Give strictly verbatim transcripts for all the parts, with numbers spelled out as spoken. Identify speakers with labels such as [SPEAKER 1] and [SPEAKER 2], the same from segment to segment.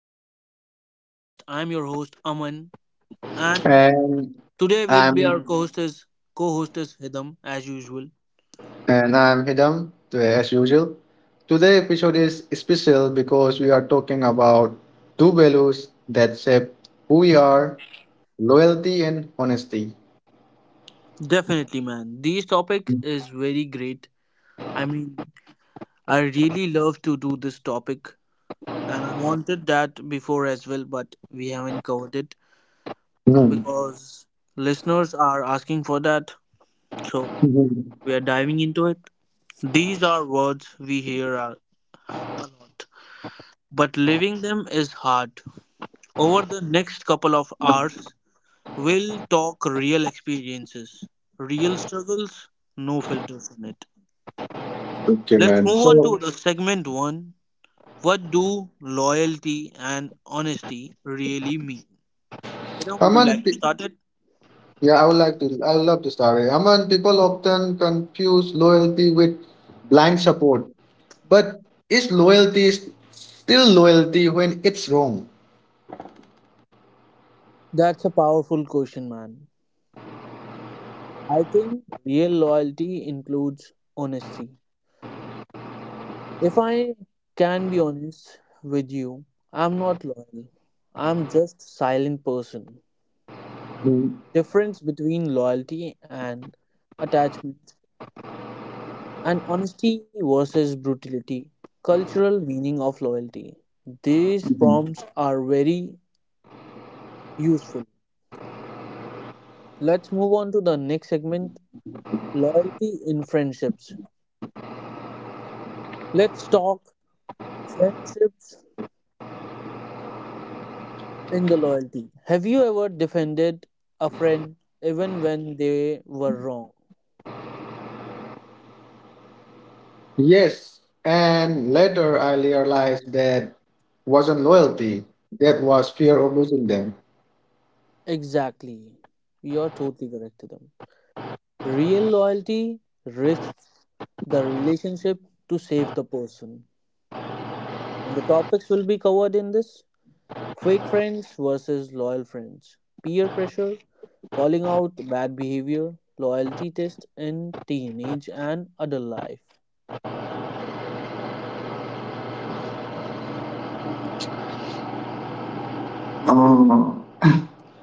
[SPEAKER 1] And this is our podcast. I'm your host, Aman. And
[SPEAKER 2] And
[SPEAKER 1] today will be our
[SPEAKER 2] I'm
[SPEAKER 1] co-hostess, co-hostess Hidam, as usual.
[SPEAKER 2] and I'm Hidam, uh, as usual. Today episode is special because we are talking about two values that shape who we are, loyalty and honesty.
[SPEAKER 1] Definitely, man. This topic
[SPEAKER 2] Hmm.
[SPEAKER 1] is very great. I mean, I really love to do this topic. And I wanted that before as well, but we haven't covered it because listeners are asking for that. So
[SPEAKER 2] Mhm.
[SPEAKER 1] we are diving into it. These are words we hear a lot, but living them is hard. Over the next couple of hours, we'll talk real experiences, real struggles, no filters in it.
[SPEAKER 2] Okay,
[SPEAKER 1] Let's
[SPEAKER 2] man.
[SPEAKER 1] move on
[SPEAKER 2] So,
[SPEAKER 1] to the segment one. What do loyalty and honesty really mean? You know, would you
[SPEAKER 2] Aman,
[SPEAKER 1] like to
[SPEAKER 2] pe-
[SPEAKER 1] start it?
[SPEAKER 2] yeah, I would like to. I would love to start. it. Aman, people often confuse loyalty with blind support, but is loyalty s- still loyalty when it's wrong?
[SPEAKER 1] That's a powerful question, man. I think real loyalty includes honesty. If I can be honest with you, I'm not loyal. I'm just silent person.
[SPEAKER 2] Mhm.
[SPEAKER 1] Difference between loyalty and attachment, and honesty versus brutality. Cultural meaning of loyalty. These prompts are very useful. Let's move on to the next segment, loyalty in friendships. Let's talk friendships in the loyalty. Have you ever defended a friend even when they were wrong?
[SPEAKER 2] Yes, and later I realized that wasn't loyalty, that was fear of losing them.
[SPEAKER 1] Exactly. You're totally correct to them. Real loyalty risks the relationship to save the person. And the topics will be covered in this: fake friends versus loyal friends, peer pressure, calling out bad behavior, loyalty test in teenage and adult life.
[SPEAKER 2] Oh.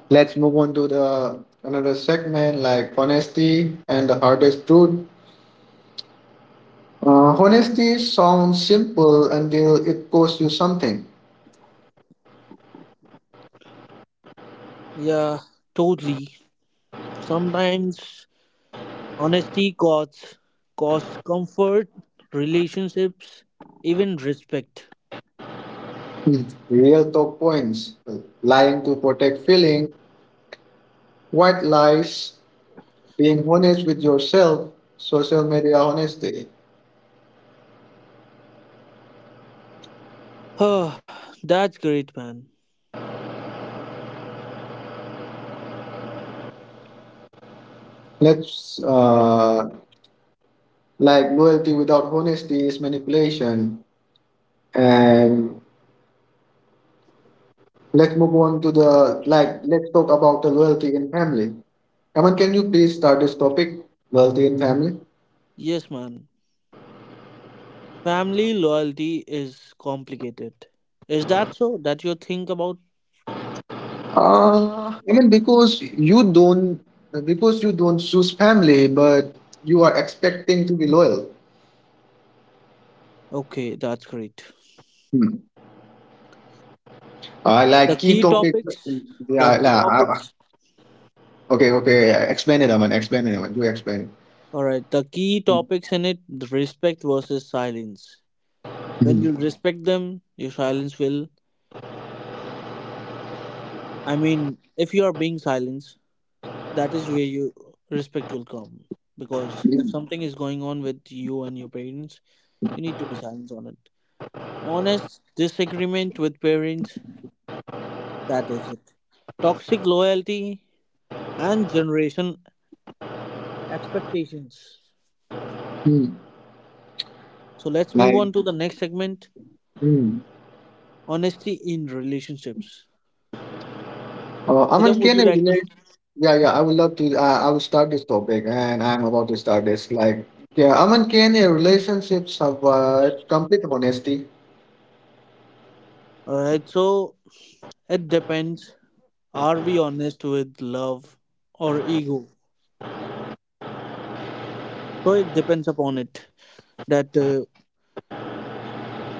[SPEAKER 2] Let's move on to the another segment like honesty and the hardest truth. Uh, honesty sounds simple until it costs you something.
[SPEAKER 1] Yeah, totally. Sometimes honesty costs, costs comfort, relationships, even respect.
[SPEAKER 2] Hmm. Real talk points: lying to protect feeling, white lies, being honest with yourself, social media honesty.
[SPEAKER 1] Oh, that's great, man.
[SPEAKER 2] Let's uh, Like loyalty without honesty is manipulation. And let's move on to the like let's talk about the loyalty in family. Aman, can you please start this topic? Loyalty in family?
[SPEAKER 1] Yes, man. Family loyalty is complicated. Is that so? That you think about?
[SPEAKER 2] Uh, I mean, because you don't, because you don't choose family, but you are expecting to be loyal.
[SPEAKER 1] Okay, that's great.
[SPEAKER 2] Hmm. Uh,
[SPEAKER 1] The
[SPEAKER 2] like key
[SPEAKER 1] key
[SPEAKER 2] topic.
[SPEAKER 1] topics, the
[SPEAKER 2] Yeah,
[SPEAKER 1] key
[SPEAKER 2] nah, uh,
[SPEAKER 1] topics.
[SPEAKER 2] okay, okay. yeah, Explain it, Aman. Explain it, Aman. You explain. it.
[SPEAKER 1] All right, the key topics in it: the respect versus silence. When
[SPEAKER 2] Hmm.
[SPEAKER 1] you respect them, your silence will. I mean, if you are being silent, that is where you respect will come, because if
[SPEAKER 2] Hmm.
[SPEAKER 1] something is going on with you and your parents, you need to be silent on it, honest disagreement with parents, that is it, toxic loyalty and generation expectations.
[SPEAKER 2] Hmm.
[SPEAKER 1] So let's move
[SPEAKER 2] Like,
[SPEAKER 1] on to the next segment,
[SPEAKER 2] hmm.
[SPEAKER 1] honesty in relationships.
[SPEAKER 2] Uh,
[SPEAKER 1] Hidam,
[SPEAKER 2] Aman,
[SPEAKER 1] would
[SPEAKER 2] can
[SPEAKER 1] you
[SPEAKER 2] I
[SPEAKER 1] like to?
[SPEAKER 2] relate? Yeah, yeah, I would love to. Uh, I will start this topic, and I'm about to start this. Like, yeah, Aman, can a relationship survive complete honesty?
[SPEAKER 1] All right, so it depends. Are we honest with love or ego? So it depends upon it, that uh,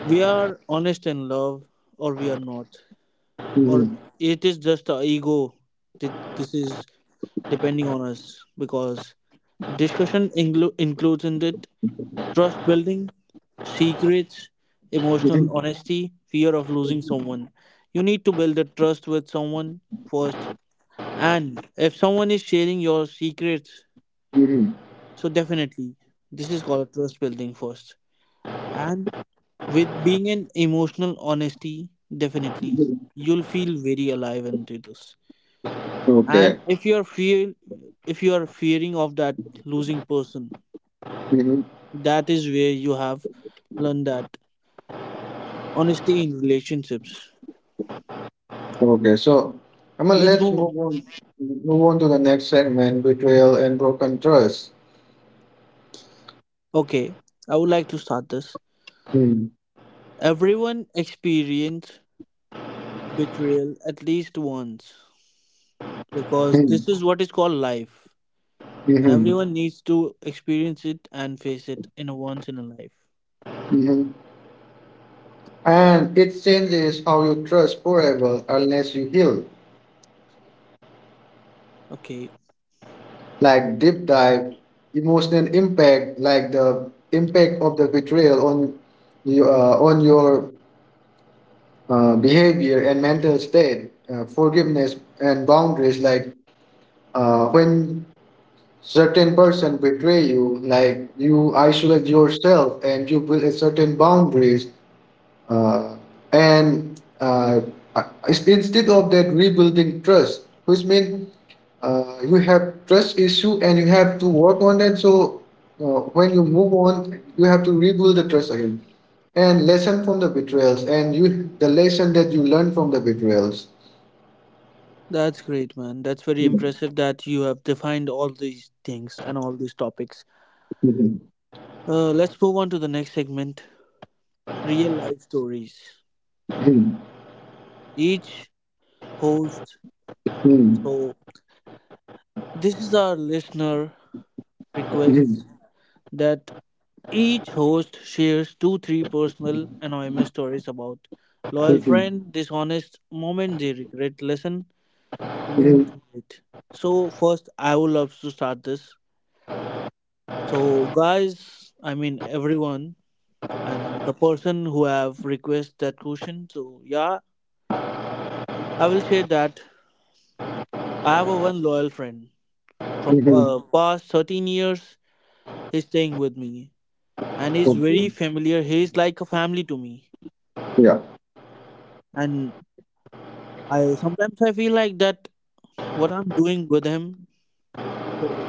[SPEAKER 1] we are honest in love or we are not,
[SPEAKER 2] Hmm.
[SPEAKER 1] or it is just our ego. That this is depending on us, because discussion inclu- includes in it: trust building, secrets, emotional
[SPEAKER 2] hmm
[SPEAKER 1] honesty, fear of losing someone. You need to build a trust with someone first, and if someone is sharing your secrets,
[SPEAKER 2] hmm
[SPEAKER 1] so definitely, this is called trust building first. And with being an emotional honesty, definitely you'll feel very alive into this.
[SPEAKER 2] Okay.
[SPEAKER 1] And if you are fear, if you are fearing of that losing person,
[SPEAKER 2] hmm
[SPEAKER 1] that is where you have learned that honesty in relationships.
[SPEAKER 2] Okay. So, Aman,
[SPEAKER 1] Let's
[SPEAKER 2] let's
[SPEAKER 1] move.
[SPEAKER 2] move on. Move on to the next segment: betrayal and broken trust.
[SPEAKER 1] Okay, I would like to start this.
[SPEAKER 2] Mm-hmm.
[SPEAKER 1] Everyone experience betrayal at least once, because
[SPEAKER 2] hmm
[SPEAKER 1] this is what is called life, and
[SPEAKER 2] hmm
[SPEAKER 1] everyone needs to experience it and face it in a once in a life.
[SPEAKER 2] hmm And it changes how you trust forever unless you heal.
[SPEAKER 1] Okay,
[SPEAKER 2] Like deep dive, emotional impact, like the impact of the betrayal on you, uh, on your, uh, behavior and mental state, uh, forgiveness and boundaries. Like, uh, when certain person betray you, like you isolate yourself and you build a certain boundaries, uh, and uh, uh, instead of that rebuilding trust, which means, uh, you have trust issue and you have to work on that. So, uh, when you move on, you have to rebuild the trust again. And lesson from the betrayals and you the lesson that you learn from the betrayals.
[SPEAKER 1] that's great, man. That's very impressive that you have defined all these things and all these topics. Uh, let's move on to the next segment, real life stories. Each host, so this is our listener request, that each host shares two, three personal anonymous stories about loyal friend, dishonest moment they regret, lesson learn to it. So, first, I would love to start this. So, guys, I mean, everyone and the person who have requested that question. So yeah, I will say that I have a one loyal friend from uh, past thirteen years. He's staying with me, and he's
[SPEAKER 2] Okay.
[SPEAKER 1] very familiar. He's like a family to me,
[SPEAKER 2] Yeah.
[SPEAKER 1] and I sometimes I feel like that what I'm doing with him. So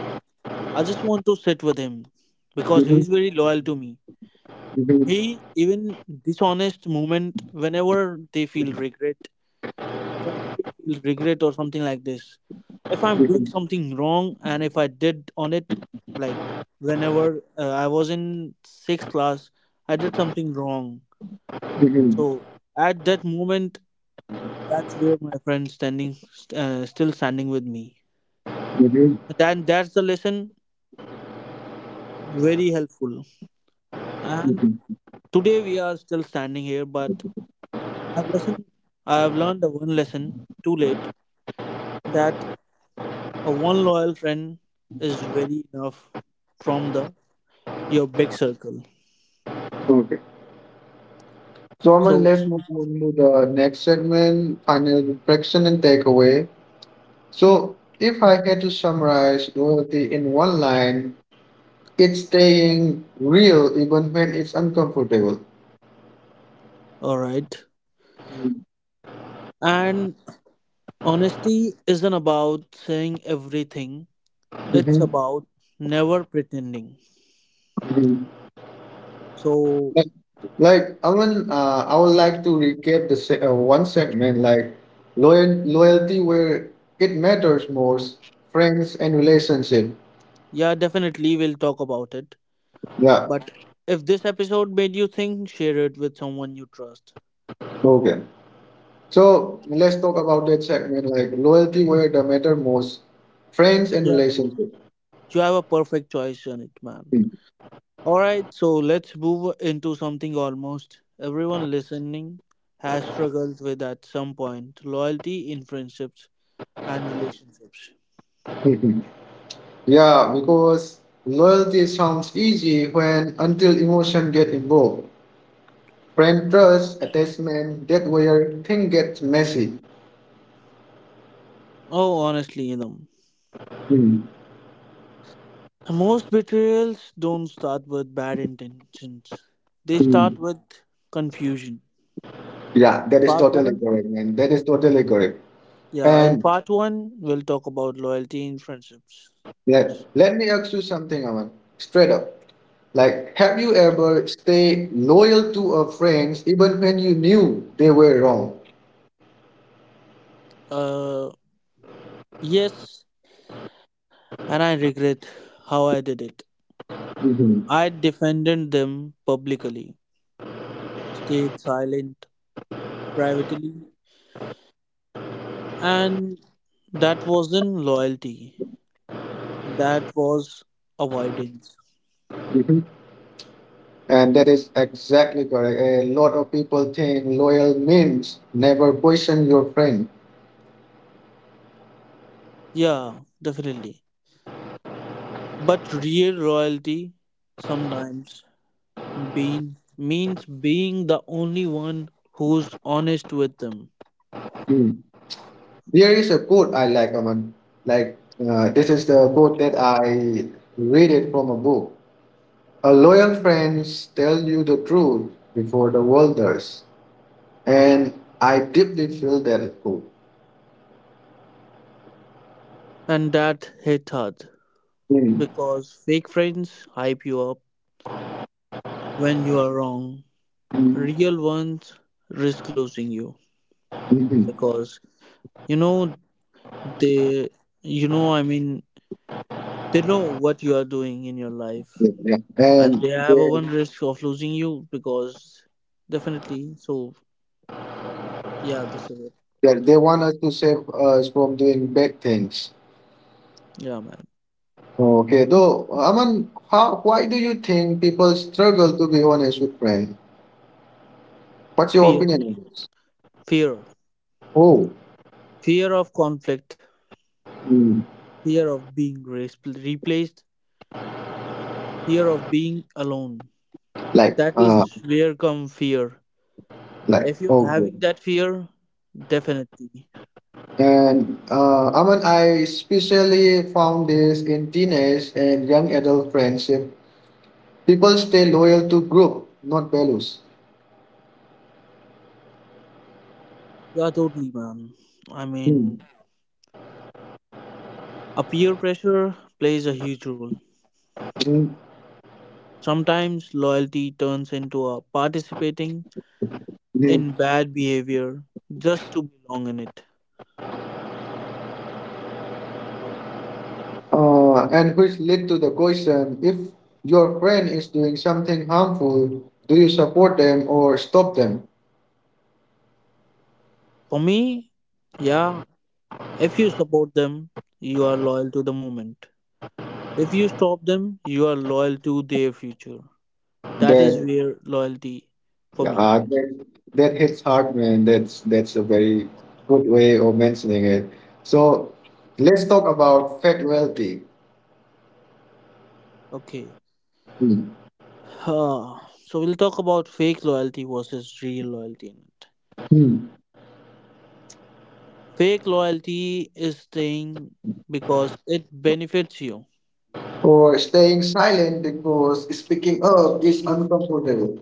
[SPEAKER 1] I just want to sit with him because he's very loyal to me. He even dishonest moment whenever they feel regret, whenever you feel regret or something like this, if I'm doing something wrong and if I did on it, like whenever uh, I was in sixth class, I did something wrong. So at that moment, that's where my friend standing st- uh, still standing with me. Then that's the lesson, very helpful. And today we are still standing here, but I've listened, I've learned the one lesson too late, that a one loyal friend is very enough from the your big circle.
[SPEAKER 2] Okay. So, Aman,
[SPEAKER 1] So
[SPEAKER 2] let's move on to the next segment, final reflection and takeaway. So, if I had to summarize loyalty in one line, it's staying real even when it's uncomfortable.
[SPEAKER 1] all right. And honesty isn't about saying everything. It's
[SPEAKER 2] Mhm.
[SPEAKER 1] about never pretending.
[SPEAKER 2] mhm.
[SPEAKER 1] So
[SPEAKER 2] Like, like Aman, uh, I would like to recap the se- uh, one segment like loyal loyalty where it matters most, friends and relationship.
[SPEAKER 1] yeah, definitely we'll talk about it.
[SPEAKER 2] Yeah.
[SPEAKER 1] But if this episode made you think, share it with someone you trust.
[SPEAKER 2] Okay. So let's talk about that segment like loyalty where the matter most, friends and
[SPEAKER 1] Yeah.
[SPEAKER 2] relationship.
[SPEAKER 1] You have a perfect choice in it, man. All right, so let's move into something almost everyone listening has struggled with at some point, loyalty in friendships and relationships.
[SPEAKER 2] Yeah, because loyalty sounds easy when until emotion get involved. Friend trust, attachment, that where thing gets messy.
[SPEAKER 1] Oh, honestly, them. Most betrayals don't start with bad intentions, they start with confusion.
[SPEAKER 2] Yeah, that is
[SPEAKER 1] Part
[SPEAKER 2] totally
[SPEAKER 1] one,
[SPEAKER 2] correct, man. That is totally correct.
[SPEAKER 1] yeah, in
[SPEAKER 2] And
[SPEAKER 1] part one, we'll talk about loyalty in friendships.
[SPEAKER 2] Let, let me ask you something, Aman. Straight up. Like, have you ever stayed loyal to a friend even when you knew they were wrong?
[SPEAKER 1] Uh, yes, and I regret how I did it.
[SPEAKER 2] Mhm.
[SPEAKER 1] I defended them publicly, stayed silent, privately. And that wasn't loyalty, that was avoidance.
[SPEAKER 2] Mhm. And that is exactly correct. A lot of people think loyal means never question your friend.
[SPEAKER 1] Yeah, definitely. But real loyalty sometimes being means being the only one who's honest with them.
[SPEAKER 2] Mm. There is a quote I like, Aman. Like, uh, this is the quote that I read it from a book. A loyal friends tell you the truth before the world does. And I deeply feel that it's cool.
[SPEAKER 1] And that hit hard
[SPEAKER 2] Mm.
[SPEAKER 1] because fake friends hype you up when you are wrong.
[SPEAKER 2] mm,
[SPEAKER 1] Real ones risk losing you
[SPEAKER 2] mhm.
[SPEAKER 1] because you know they you know I mean they know what you are doing in your life,
[SPEAKER 2] Yeah, yeah.
[SPEAKER 1] and
[SPEAKER 2] And
[SPEAKER 1] they
[SPEAKER 2] they,
[SPEAKER 1] have a one risk of losing you because definitely. So yeah, this is it.
[SPEAKER 2] they, they want us to save us from doing bad things.
[SPEAKER 1] Yeah, man.
[SPEAKER 2] Okay, though, Aman, how, why do you think people struggle to be honest with friends? What's your
[SPEAKER 1] Fear,
[SPEAKER 2] opinion on this?
[SPEAKER 1] fear,
[SPEAKER 2] Oh,
[SPEAKER 1] fear of conflict,
[SPEAKER 2] mm,
[SPEAKER 1] fear of being re- replaced, fear of being alone.
[SPEAKER 2] like,
[SPEAKER 1] That
[SPEAKER 2] uh,
[SPEAKER 1] is where come fear.
[SPEAKER 2] like,
[SPEAKER 1] If you're
[SPEAKER 2] oh, good.
[SPEAKER 1] having that fear, definitely.
[SPEAKER 2] And uh, Aman, I especially found this in teenage and young adult friendship. People stay loyal to group, not values.
[SPEAKER 1] Yeah, totally, man. I mean, a peer pressure plays a huge role. Sometimes loyalty turns into a participating
[SPEAKER 2] Mhm.
[SPEAKER 1] in bad behavior just to belong in it.
[SPEAKER 2] Uh, and which led to the question, if your friend is doing something harmful, do you support them or stop them?
[SPEAKER 1] For me, yeah, if you support them, you are loyal to the movement. If you stop them, you are loyal to their future. That is
[SPEAKER 2] That
[SPEAKER 1] where loyalty for me.
[SPEAKER 2] uh, that, that hits hard, man. That's that's a very good way of mentioning it. So let's talk about factuality.
[SPEAKER 1] Okay.
[SPEAKER 2] Hmm.
[SPEAKER 1] Ah, so we'll talk about fake loyalty versus real loyalty in it.
[SPEAKER 2] Hmm.
[SPEAKER 1] Fake loyalty is staying because it benefits you.
[SPEAKER 2] Or staying silent because speaking up is uncomfortable.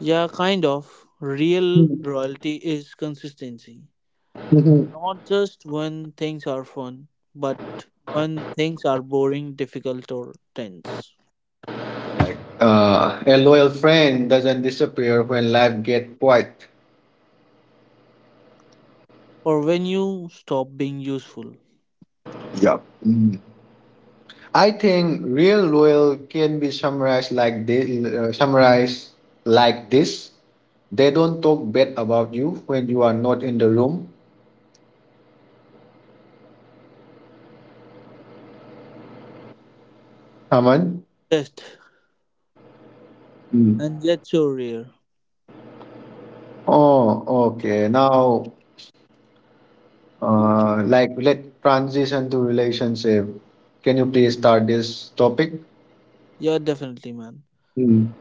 [SPEAKER 1] Yeah, kind of. Real
[SPEAKER 2] Hmm.
[SPEAKER 1] loyalty is consistency.
[SPEAKER 2] Mhm.
[SPEAKER 1] Not just when things are fun, but when things are boring, difficult, or tense.
[SPEAKER 2] Uh, a loyal friend doesn't disappear when life gets quiet.
[SPEAKER 1] Or when you stop being useful.
[SPEAKER 2] Yeah. Mm. I think real loyal can be summarized like this, uh, summarized like this. They don't talk bad about you when you are not in the room. Aman.
[SPEAKER 1] Test
[SPEAKER 2] Mm.
[SPEAKER 1] and get your rear.
[SPEAKER 2] Oh, okay. Now, uh, like let transition to relationship. Can you please start this topic?
[SPEAKER 1] Yeah, definitely, man.
[SPEAKER 2] Mm.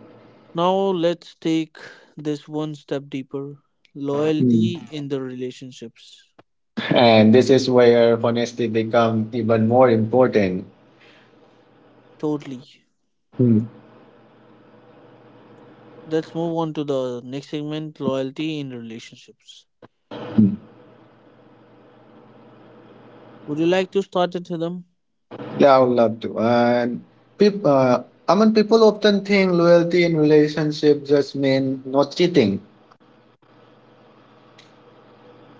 [SPEAKER 1] Now let's take this one step deeper.
[SPEAKER 2] Mm.
[SPEAKER 1] Loyalty in the relationships.
[SPEAKER 2] And this is where honesty become even more important.
[SPEAKER 1] Totally.
[SPEAKER 2] Mm.
[SPEAKER 1] Let's move on to the next segment, loyalty in relationships. Would you like to start it, them?
[SPEAKER 2] Yeah, I would love to. And people, uh, I mean, people often think loyalty in relationship just mean not cheating.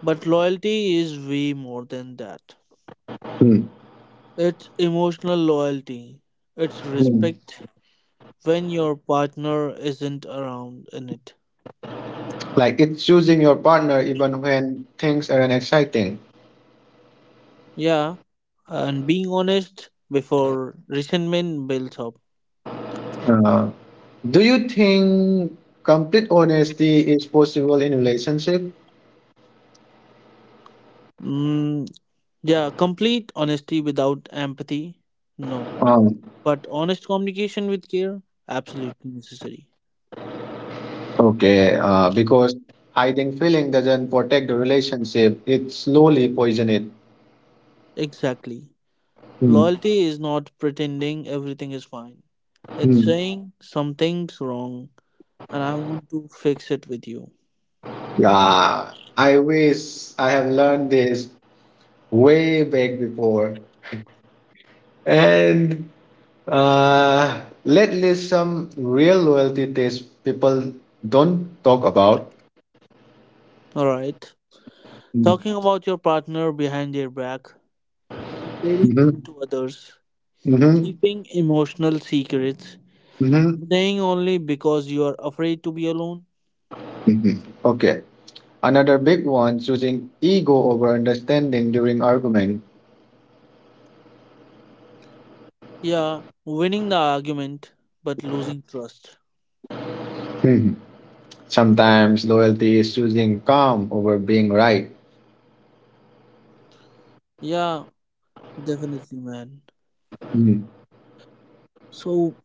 [SPEAKER 1] But loyalty is way more than that.
[SPEAKER 2] Hmm.
[SPEAKER 1] It's emotional loyalty. It's
[SPEAKER 2] Hmm.
[SPEAKER 1] respect when your partner isn't around in it.
[SPEAKER 2] Like it's choosing your partner even when things aren't exciting.
[SPEAKER 1] Yeah, and being honest before resentment builds up.
[SPEAKER 2] Uh, do you think complete honesty is possible in relationship?
[SPEAKER 1] Mm, yeah, complete honesty without empathy? No.
[SPEAKER 2] Um,
[SPEAKER 1] But honest communication with care? Absolutely necessary.
[SPEAKER 2] okay, uh, because hiding feeling doesn't protect the relationship. It slowly poison it.
[SPEAKER 1] Exactly.
[SPEAKER 2] Hmm.
[SPEAKER 1] Loyalty is not pretending everything is fine. It's
[SPEAKER 2] Hmm.
[SPEAKER 1] saying something's wrong, and I want to fix it with you.
[SPEAKER 2] Yeah, I wish I have learned this way back before. And uh, lately, some real loyalty tests people don't talk about.
[SPEAKER 1] Alright. Talking about your partner behind their back, comparing
[SPEAKER 2] Mm-hmm.
[SPEAKER 1] them to others,
[SPEAKER 2] Mm-hmm.
[SPEAKER 1] keeping emotional secrets,
[SPEAKER 2] Mm-hmm.
[SPEAKER 1] staying only because you are afraid to be alone.
[SPEAKER 2] hmm Okay. Another big one, choosing ego over understanding during argument.
[SPEAKER 1] Yeah, winning the argument but losing trust.
[SPEAKER 2] Mhm. Sometimes loyalty is choosing calm over being right.
[SPEAKER 1] Yeah, definitely, man.
[SPEAKER 2] Mhm.
[SPEAKER 1] So,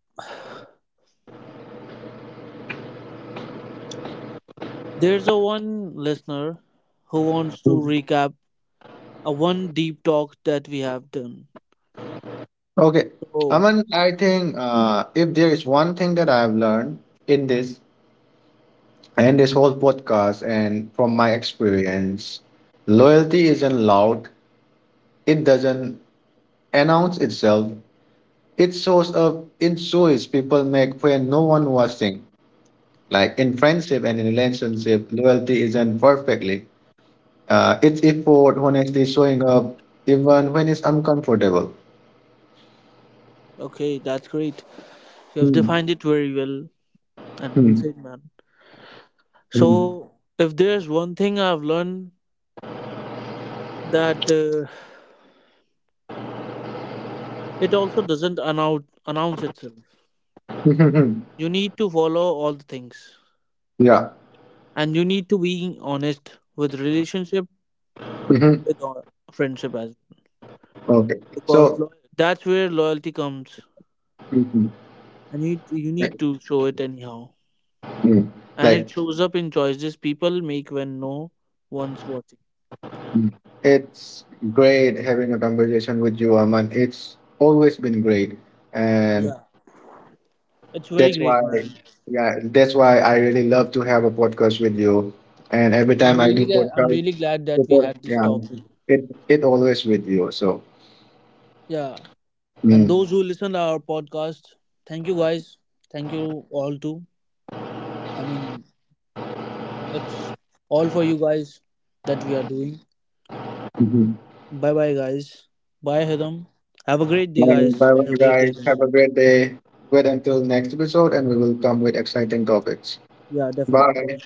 [SPEAKER 1] there's a one listener who wants to recap a one deep talk that we have done.
[SPEAKER 2] Okay.
[SPEAKER 1] Oh,
[SPEAKER 2] Aman, I think, uh, if there is one thing that I've learned in this, and this whole podcast and from my experience, loyalty isn't loud. It doesn't announce itself. It shows up in choice people make when no one watching. Like in friendship and in relationship, loyalty isn't perfectly, uh, it's effort honestly showing up even when it's uncomfortable.
[SPEAKER 1] okay, that's great. You have
[SPEAKER 2] Hmm.
[SPEAKER 1] defined it very well and well
[SPEAKER 2] hmm,
[SPEAKER 1] said, man. So, if there's one thing I've learned, that uh, it also doesn't announce announce itself.
[SPEAKER 2] hmm.
[SPEAKER 1] You need to follow all the things,
[SPEAKER 2] Yeah.
[SPEAKER 1] and you need to be honest with relationship,
[SPEAKER 2] Mhm.
[SPEAKER 1] with uh, friendship as well,
[SPEAKER 2] Okay,
[SPEAKER 1] because
[SPEAKER 2] so
[SPEAKER 1] lo- that's where loyalty comes,
[SPEAKER 2] mhm.
[SPEAKER 1] and you you
[SPEAKER 2] Eh,
[SPEAKER 1] need to show it anyhow,
[SPEAKER 2] mm,
[SPEAKER 1] and it
[SPEAKER 2] like
[SPEAKER 1] shows up in choices people make when no one's watching.
[SPEAKER 2] it's great having a conversation with you, Aman. It's always been great. And
[SPEAKER 1] Yeah, it's very
[SPEAKER 2] that's
[SPEAKER 1] great,
[SPEAKER 2] why,
[SPEAKER 1] man.
[SPEAKER 2] yeah, that's why I really love to have a podcast with you. And every
[SPEAKER 1] I'm
[SPEAKER 2] time I
[SPEAKER 1] really
[SPEAKER 2] do
[SPEAKER 1] glad. I'm
[SPEAKER 2] podcast,
[SPEAKER 1] really glad that we
[SPEAKER 2] people-
[SPEAKER 1] had this
[SPEAKER 2] yeah,
[SPEAKER 1] talk.
[SPEAKER 2] it it always with you. So,
[SPEAKER 1] Yeah. And
[SPEAKER 2] mm.
[SPEAKER 1] those who listen to our podcast, thank you guys, thank you all too. I mean, it's all for you guys that we are doing.
[SPEAKER 2] Mhm.
[SPEAKER 1] Bye bye, guys. Bye, Hedam. Have a great day,
[SPEAKER 2] Bye
[SPEAKER 1] guys.
[SPEAKER 2] bye,
[SPEAKER 1] Have a great day
[SPEAKER 2] guys.
[SPEAKER 1] then.
[SPEAKER 2] Have a great day. Wait until next episode, and we will come with exciting topics.
[SPEAKER 1] Yeah, definitely.
[SPEAKER 2] Bye.